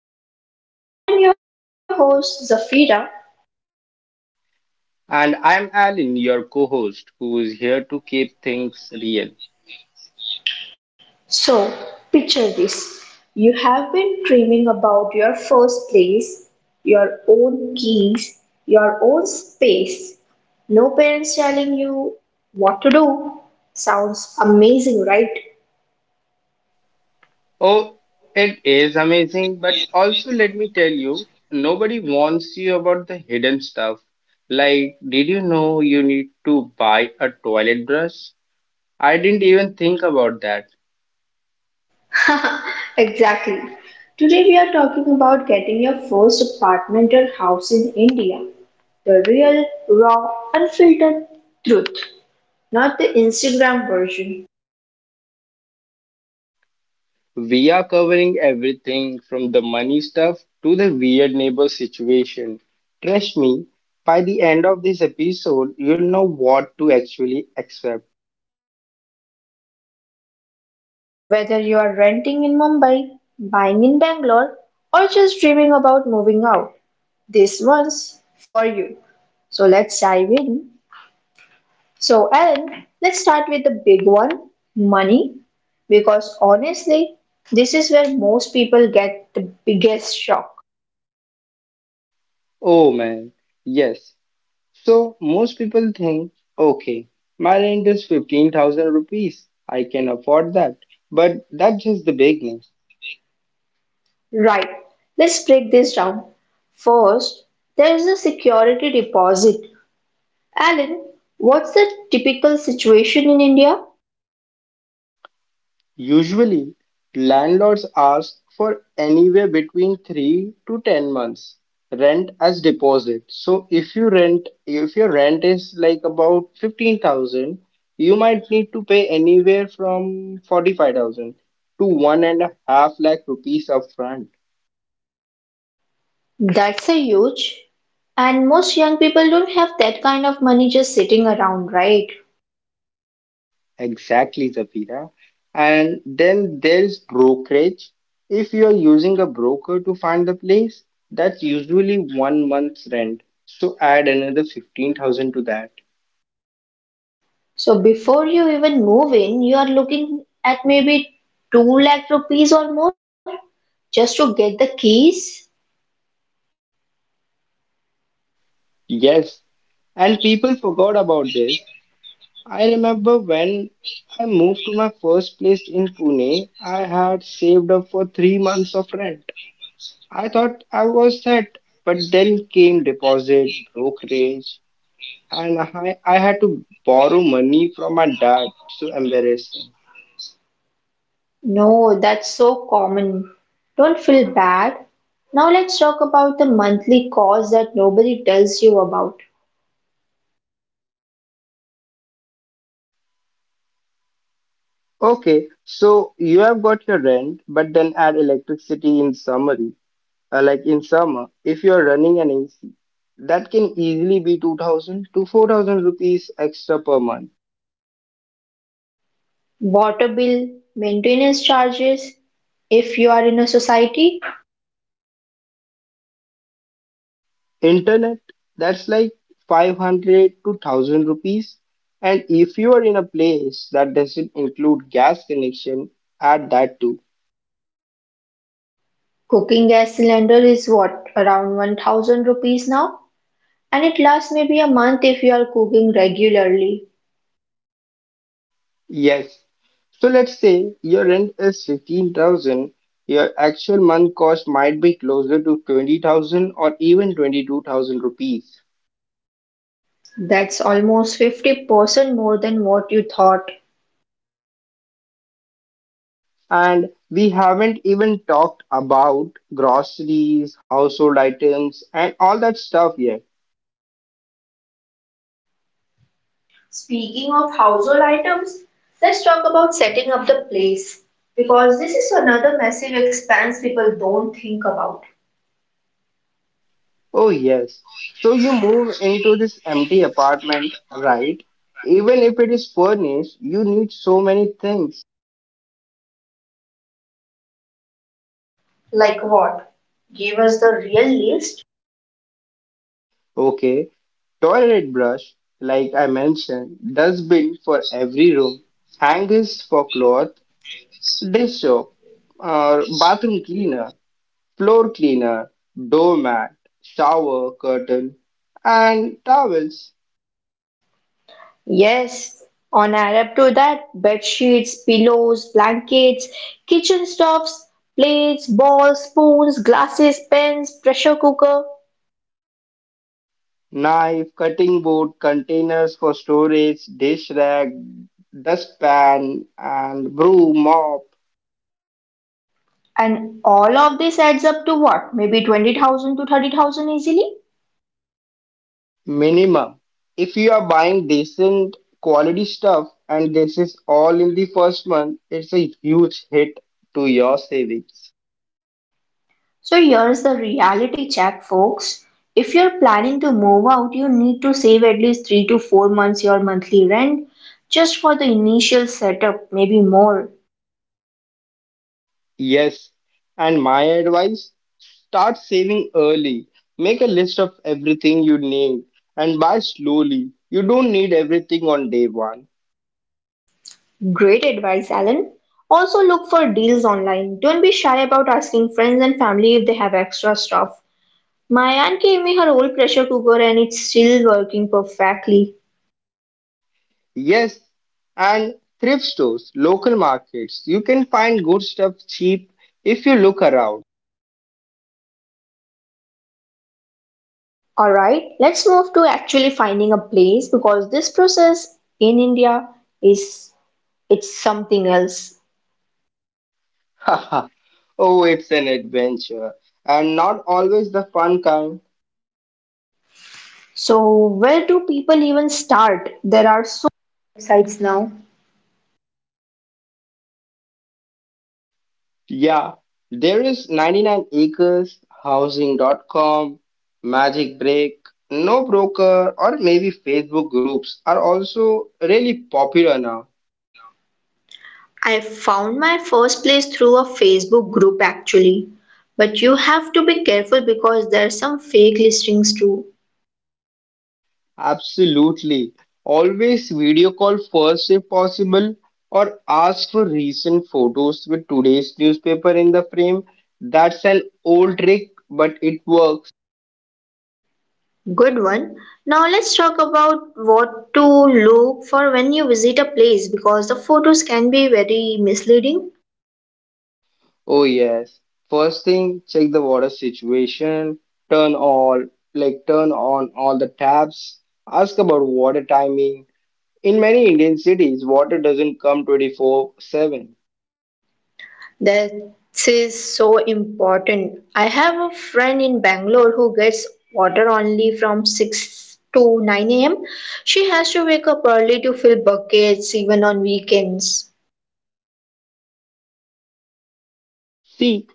Talk India. I am your host Zafira. And I'm Alan, your co host, who is here to keep things real. So, picture this. You have been dreaming about your first place, your own keys, your own space. No parents telling you what to do. Sounds amazing, Oh, it is amazing, but also let me tell you, nobody warns you about the hidden stuff. Like, did you know you need to buy a toilet brush? I didn't even think about that. right? Exactly. Today we are talking about getting your first apartment or house in India. The real, raw, unfiltered truth, not the Instagram version. We are covering everything from the money stuff to the weird neighbor situation. Trust me, by the end of this episode, you'll know what to actually accept. Whether you are renting in Mumbai, buying in Bangalore, or just dreaming about moving out, this one's for you. So let's dive in. So, Ellen, let's start with the big one, money. Because honestly, this is where most people get the biggest shock. Oh man, yes. So most people think, okay, my rent is 15,000 rupees. I can afford that. But that's just the beginning. Right, let's break this down. First, there is a security deposit. Alan, what's the typical situation in India? Usually, landlords ask for anywhere between 3 to 10 months rent as deposit. So if your rent is like about 15,000, you might need to pay anywhere from 45,000 to one and a half lakh rupees upfront. That's a huge. And most young people don't have that kind of money just sitting around, right? Exactly, Zafira. And then there's brokerage. If you're using a broker to find the place, that's usually one month's rent. So add another 15,000 to that. So before you even move in, you are looking at maybe 2 lakh rupees or more just to get the keys. Yes, and people forgot about this. I remember when I moved to my first place in Pune, I had saved up for three months of rent. I thought I was set, but then came deposit, brokerage, and I had to borrow money from my dad. So embarrassing. No, that's so common. Don't feel bad. Now let's talk about the monthly cost that nobody tells you about. Okay, so you have got your rent, but then add electricity in summary. Like in summer, if you are running an AC, that can easily be 2000 to 4000 rupees extra per month. Water bill, maintenance charges, if you are in a society. Internet, that's like 500 to 1000 rupees. And if you are in a place that doesn't include gas connection, add that too. Cooking gas cylinder is what, around 1000 rupees now, and it lasts maybe a month if you are cooking regularly. Yes, so let's say your rent is 15,000, your actual month cost might be closer to 20,000 or even 22,000 rupees. That's almost 50% more than what you thought. And we haven't even talked about groceries, household items, and all that stuff yet. Speaking of household items, let's talk about setting up the place because this is another massive expense people don't think about. Oh, yes. So you move into this empty apartment, right? Even if it is furnished, you need so many things. Like what? Give us the real list. Okay, toilet brush, like I mentioned, dustbin for every room, hangers for cloth, dish soap, or bathroom cleaner, floor cleaner, doormat, shower curtain, and towels, Yes, on add up to that, bed sheets, pillows, blankets, kitchen stoves, plates, balls, spoons, glasses, pens, pressure cooker, knife, cutting board, containers for storage, dish rag, dustpan, and broom, mop. and all of this adds up to what? Maybe 20,000 to 30,000 easily? Minimum. If you are buying decent quality stuff and this is all in the first month, it's a huge hit to your savings. So here's the reality check, folks. If you're planning to move out, you need to save at least 3 to 4 months your monthly rent just for the initial setup, maybe more. Yes, and my advice, start saving early. Make a list of everything you need and buy slowly. You don't need everything on day one. Great advice, Alan. Also, look for deals online. Don't be shy about asking friends and family if they have extra stuff. My aunt gave me her old pressure cooker and it's still working perfectly. Yes, and thrift stores, local markets, you can find good stuff cheap if you look around. Alright, let's move to actually finding a place because this process in India is, it's something else. Haha. Oh, it's an adventure, and not always the fun kind. So, where do people even start? There are so many websites now. Yeah, there is 99 acres, Housing.com, Magic Break, No Broker, or maybe Facebook groups are also really popular now. I found my first place through a Facebook group actually. But you have to be careful because there are some fake listings too. Absolutely. Always video call first if possible, or ask for recent photos with today's newspaper in the frame. That's an old trick, but it works. Good one. Now let's talk about what to look for when you visit a place because the photos can be very misleading. Oh yes. First thing, check the water situation. Turn all like turn on all the taps. Ask about water timing. In many Indian cities, water doesn't come 24/7. That is so important. I have a friend in Bangalore who gets water only from 6 to 9 a.m. She has to wake up early to fill buckets even on weekends. See,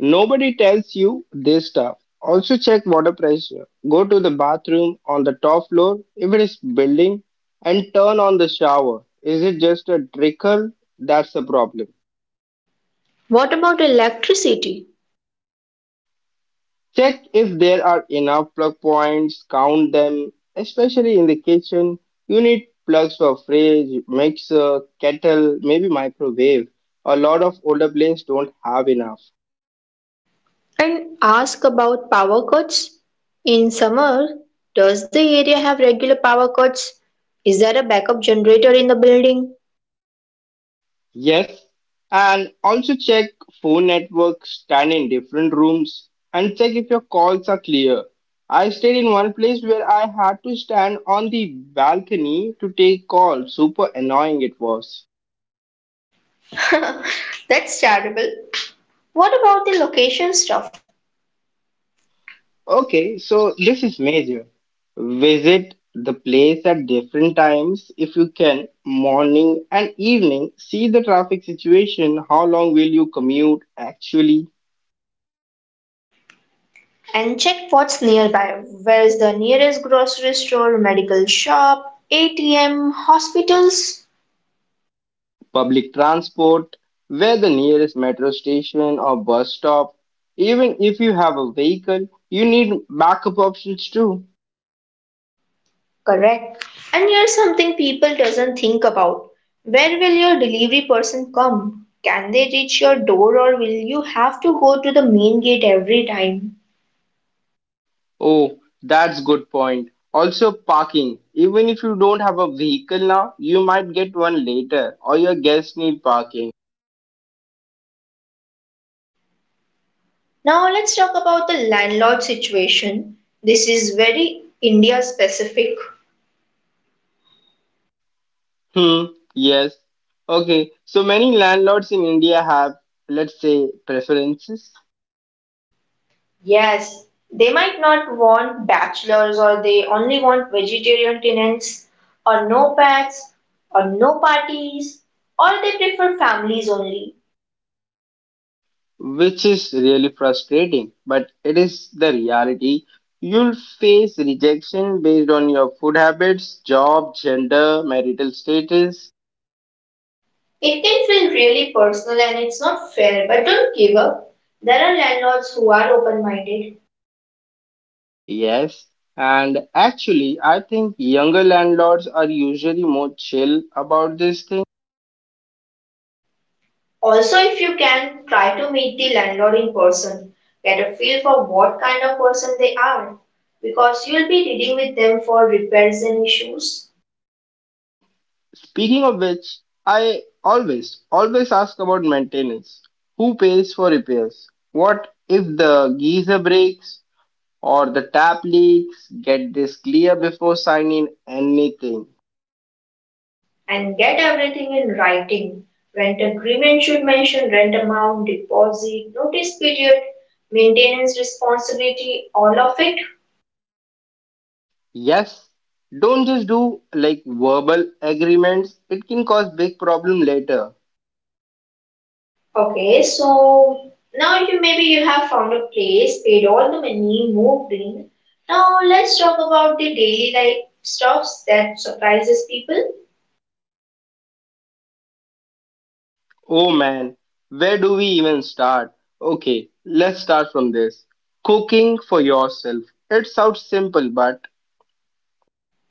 nobody tells you this stuff. Also check water pressure. Go to the bathroom on the top floor if it is building and turn on the shower. Is it just a trickle? That's the problem. What about electricity? Check if there are enough plug points, count them, especially in the kitchen. You need plugs for fridge, mixer, kettle, maybe microwave. A lot of older planes don't have enough. And ask about power cuts. In summer, does the area have regular power cuts? Is there a backup generator in the building? Yes, and also check phone networks, stand in different rooms and check if your calls are clear. I stayed in one place where I had to stand on the balcony to take calls. Super annoying it was. That's terrible. What about the location stuff? Okay, so this is major. Visit the place at different times if you can, morning and evening. See the traffic situation, how long will you commute actually, And check what's nearby. Where's the nearest grocery store, medical shop, ATM, hospitals? public transport, where the nearest metro station or bus stop. Even if you have a vehicle, you need backup options too. Correct. And here's something people doesn't think about. Where will your delivery person come? Can they reach your door or will you have to go to the main gate every time? Oh, that's good point. Also parking. Even if you don't have a vehicle now, you might get one later or your guests need parking. Now let's talk about the landlord situation. This is very India specific. Hmm, yes. Okay, so many landlords in India have, let's say, preferences, Yes, they might not want bachelors, or they only want vegetarian tenants, or no pets, or no parties, or they prefer families only. which is really frustrating, but it is the reality. You'll face rejection based on your food habits, job, gender, marital status. It can feel really personal and it's not fair, but don't give up. There are landlords who are open minded. Yes, and actually, I think younger landlords are usually more chill about this thing. Also, if you can, try to meet the landlord in person. Get a feel for what kind of person they are, because you'll be dealing with them for repairs and issues. Speaking of which, I always, always ask about maintenance. Who pays for repairs? What if the geyser breaks or the tap leaks? Get this clear before signing anything. And get everything in writing. Rent agreement should mention rent amount, deposit, notice period, maintenance responsibility, all of it. Yes, don't just do like verbal agreements, it can cause big problem later. Okay, so now you maybe you have found a place, paid all the money, moved in. Now let's talk about the daily life stuffs that surprises people. Oh man, where do we even start? Okay, let's start from this. Cooking for yourself. It sounds simple, but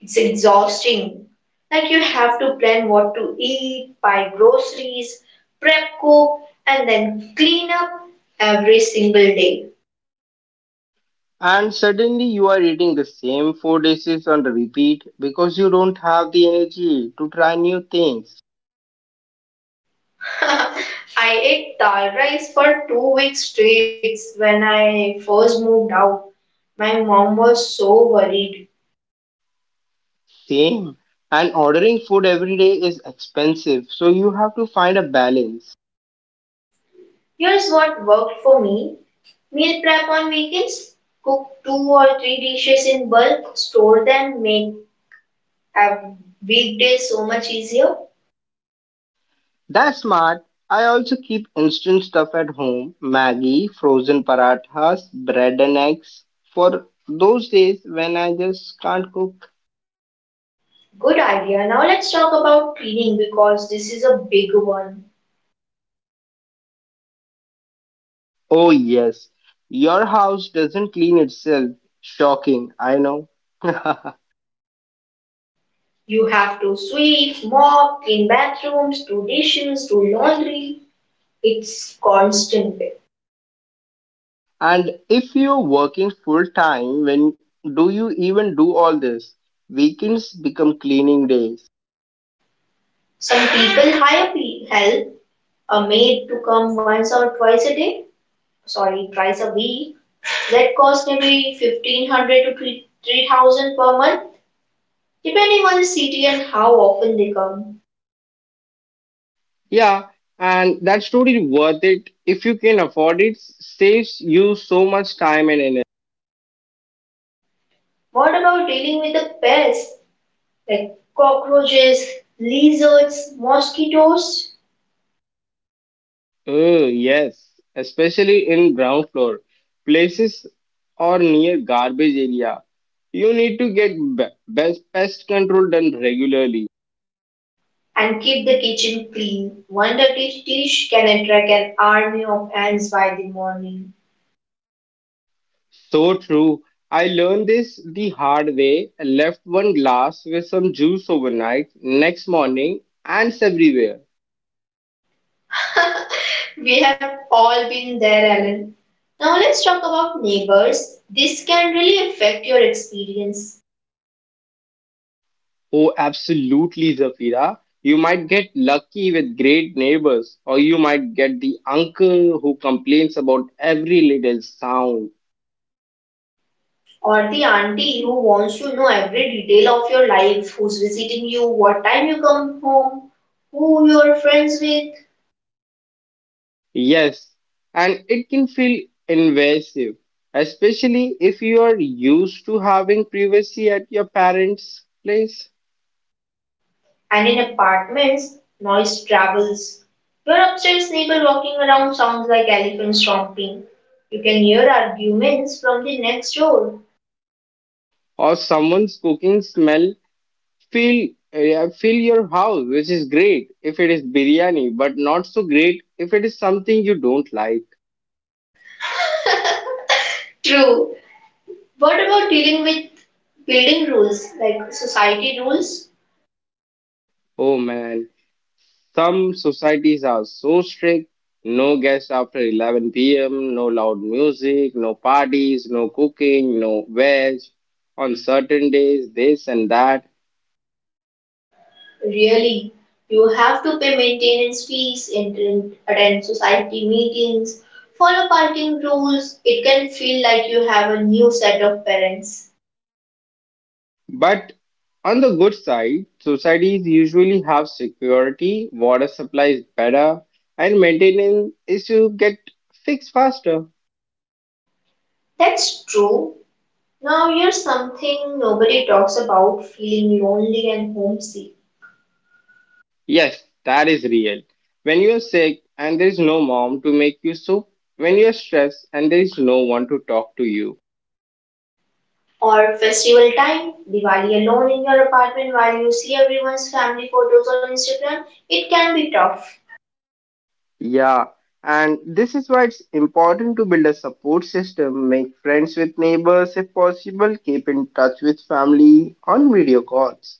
It's exhausting. Like you have to plan what to eat, buy groceries, prep cook, and then clean up every single day. and suddenly you are eating the same four dishes on repeat because you don't have the energy to try new things. I ate dal rice for 2 weeks straight when I first moved out. My mom was so worried. Same. And ordering food every day is expensive, so you have to find a balance. Here's what worked for me. Meal prep on weekends. Cook two or three dishes in bulk, store them, make a weekday so much easier. That's smart. I also keep instant stuff at home, Maggie, frozen parathas, bread and eggs for those days when I just can't cook. Good idea. Now let's talk about cleaning because this is a big one. Oh, yes. Your house doesn't clean itself. Shocking, I know. You have to sweep, mop, clean bathrooms, do dishes, do laundry. It's constant. And if you're working full time, when do you even do all this? Weekends become cleaning days. Some people hire help, a maid to come once or twice a day. Sorry, price a week. That costs maybe 1500 to 3000 per month, depending on the city and how often they come. Yeah, and that's totally worth it if you can afford it. Saves you so much time and energy. What about dealing with the pests like cockroaches, lizards, mosquitoes? Oh, yes, especially in ground floor places or near garbage area. You need to get best pest control done regularly. And keep the kitchen clean. One dirty dish can attract an army of ants by the morning. So true. I learned this the hard way. I left one glass with some juice overnight, next morning, ants everywhere. We have all been there, Alan. Now let's talk about neighbors. This can really affect your experience. Oh, absolutely, Zafira. You might get lucky with great neighbors, or you might get the uncle who complains about every little sound. Or the auntie who wants to know every detail of your life, who's visiting you, what time you come home, who you're friends with. Yes, and it can feel invasive, especially if you are used to having privacy at your parents' place And in apartments, noise travels. Your upstairs neighbor walking around sounds like elephants stomping. You can hear arguments from the next door. or someone's cooking smell. Fill, yeah, fill your house, which is great if it is biryani, but not so great if it is something you don't like. True. What about dealing with building rules, like society rules? Oh man, some societies are so strict. No guests after 11 p.m., no loud music, no parties, no cooking, no veg on certain days, this and that. Really, you have to pay maintenance fees, attend society meetings, follow parking rules. It can feel like you have a new set of parents. But on the good side, societies usually have security, water supply is better, and maintenance issues get fixed faster. That's true. Now, here's something nobody talks about, feeling lonely and homesick. Yes, that is real. When you're sick and there is no mom to make you soup, when you're stressed and there is no one to talk to you. Or festival time, Diwali alone in your apartment while you see everyone's family photos on Instagram, it can be tough. Yeah, and this is why it's important to build a support system, make friends with neighbors if possible, keep in touch with family on video calls.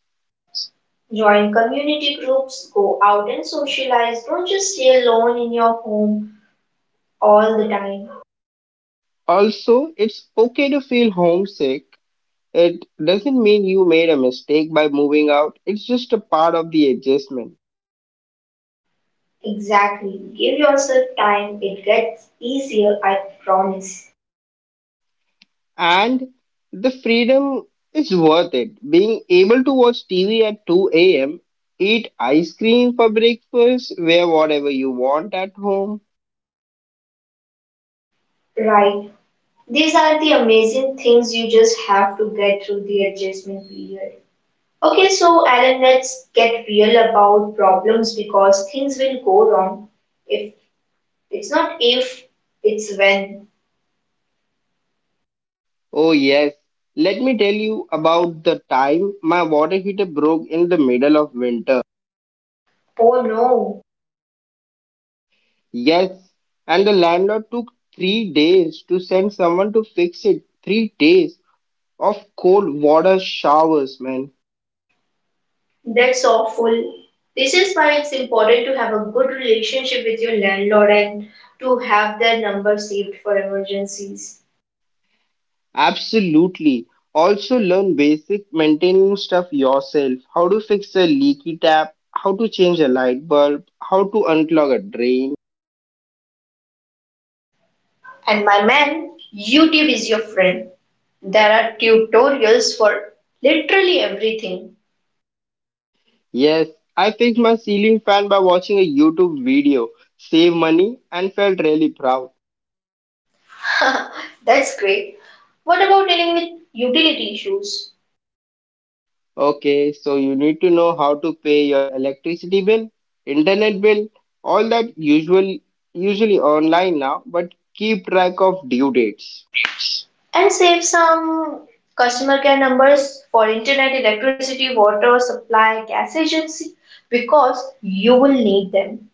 Join community groups, go out and socialize, don't just stay alone in your home all the time. Also, it's okay to feel homesick. It doesn't mean you made a mistake by moving out, it's just a part of the adjustment. Exactly. Give yourself time. It gets easier, I promise. And the freedom is worth it. Being able to watch TV at 2 a.m., eat ice cream for breakfast, wear whatever you want at home. Right. These are the amazing things, you just have to get through the adjustment period. Okay, so Alan, let's get real about problems because things will go wrong. If it's not if, it's when. Oh, yes. Let me tell you about the time my water heater broke in the middle of winter. Oh no, Yes. And the landlord took 3 days to send someone to fix it. 3 days of cold water showers, man. that's awful. This is why it's important to have a good relationship with your landlord and to have their number saved for emergencies. Absolutely. Also learn basic maintaining stuff yourself. How to fix a leaky tap, how to change a light bulb, how to unclog a drain. And my man, YouTube is your friend. There are tutorials for literally everything. Yes, I fixed my ceiling fan by watching a YouTube video, save money and felt really proud. That's great. What about dealing with utility issues? Okay, so you need to know how to pay your electricity bill, internet bill, all that usual, usually online now, but keep track of due dates. And save some customer care numbers for internet, electricity, water supply, gas agency because you will need them.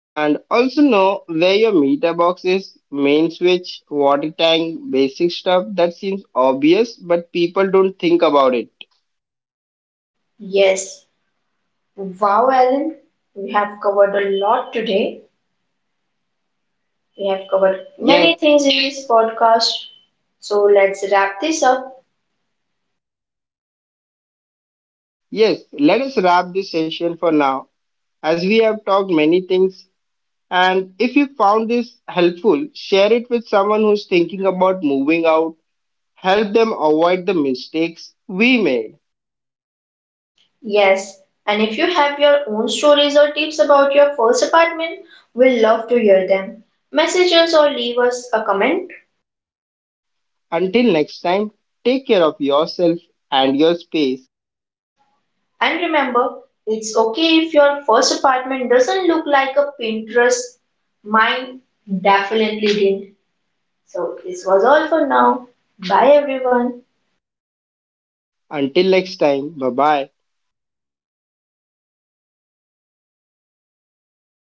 And also know where your meter box is, main switch, water tank, basic stuff that seems obvious, but people don't think about it. Yes. Wow, Alan. We have covered a lot today. We have covered Yes, many things in this podcast. So let's wrap this up. yes, let us wrap this session for now, as we have talked many things. And if you found this helpful, share it with someone who's thinking about moving out. Help them avoid the mistakes we made. Yes, and if you have your own stories or tips about your first apartment, we'll love to hear them. Message us or leave us a comment. Until next time, take care of yourself and your space. And remember, it's okay if your first apartment doesn't look like a Pinterest. Mine definitely didn't. So, this was all for now. Bye, everyone. Until next time, bye bye.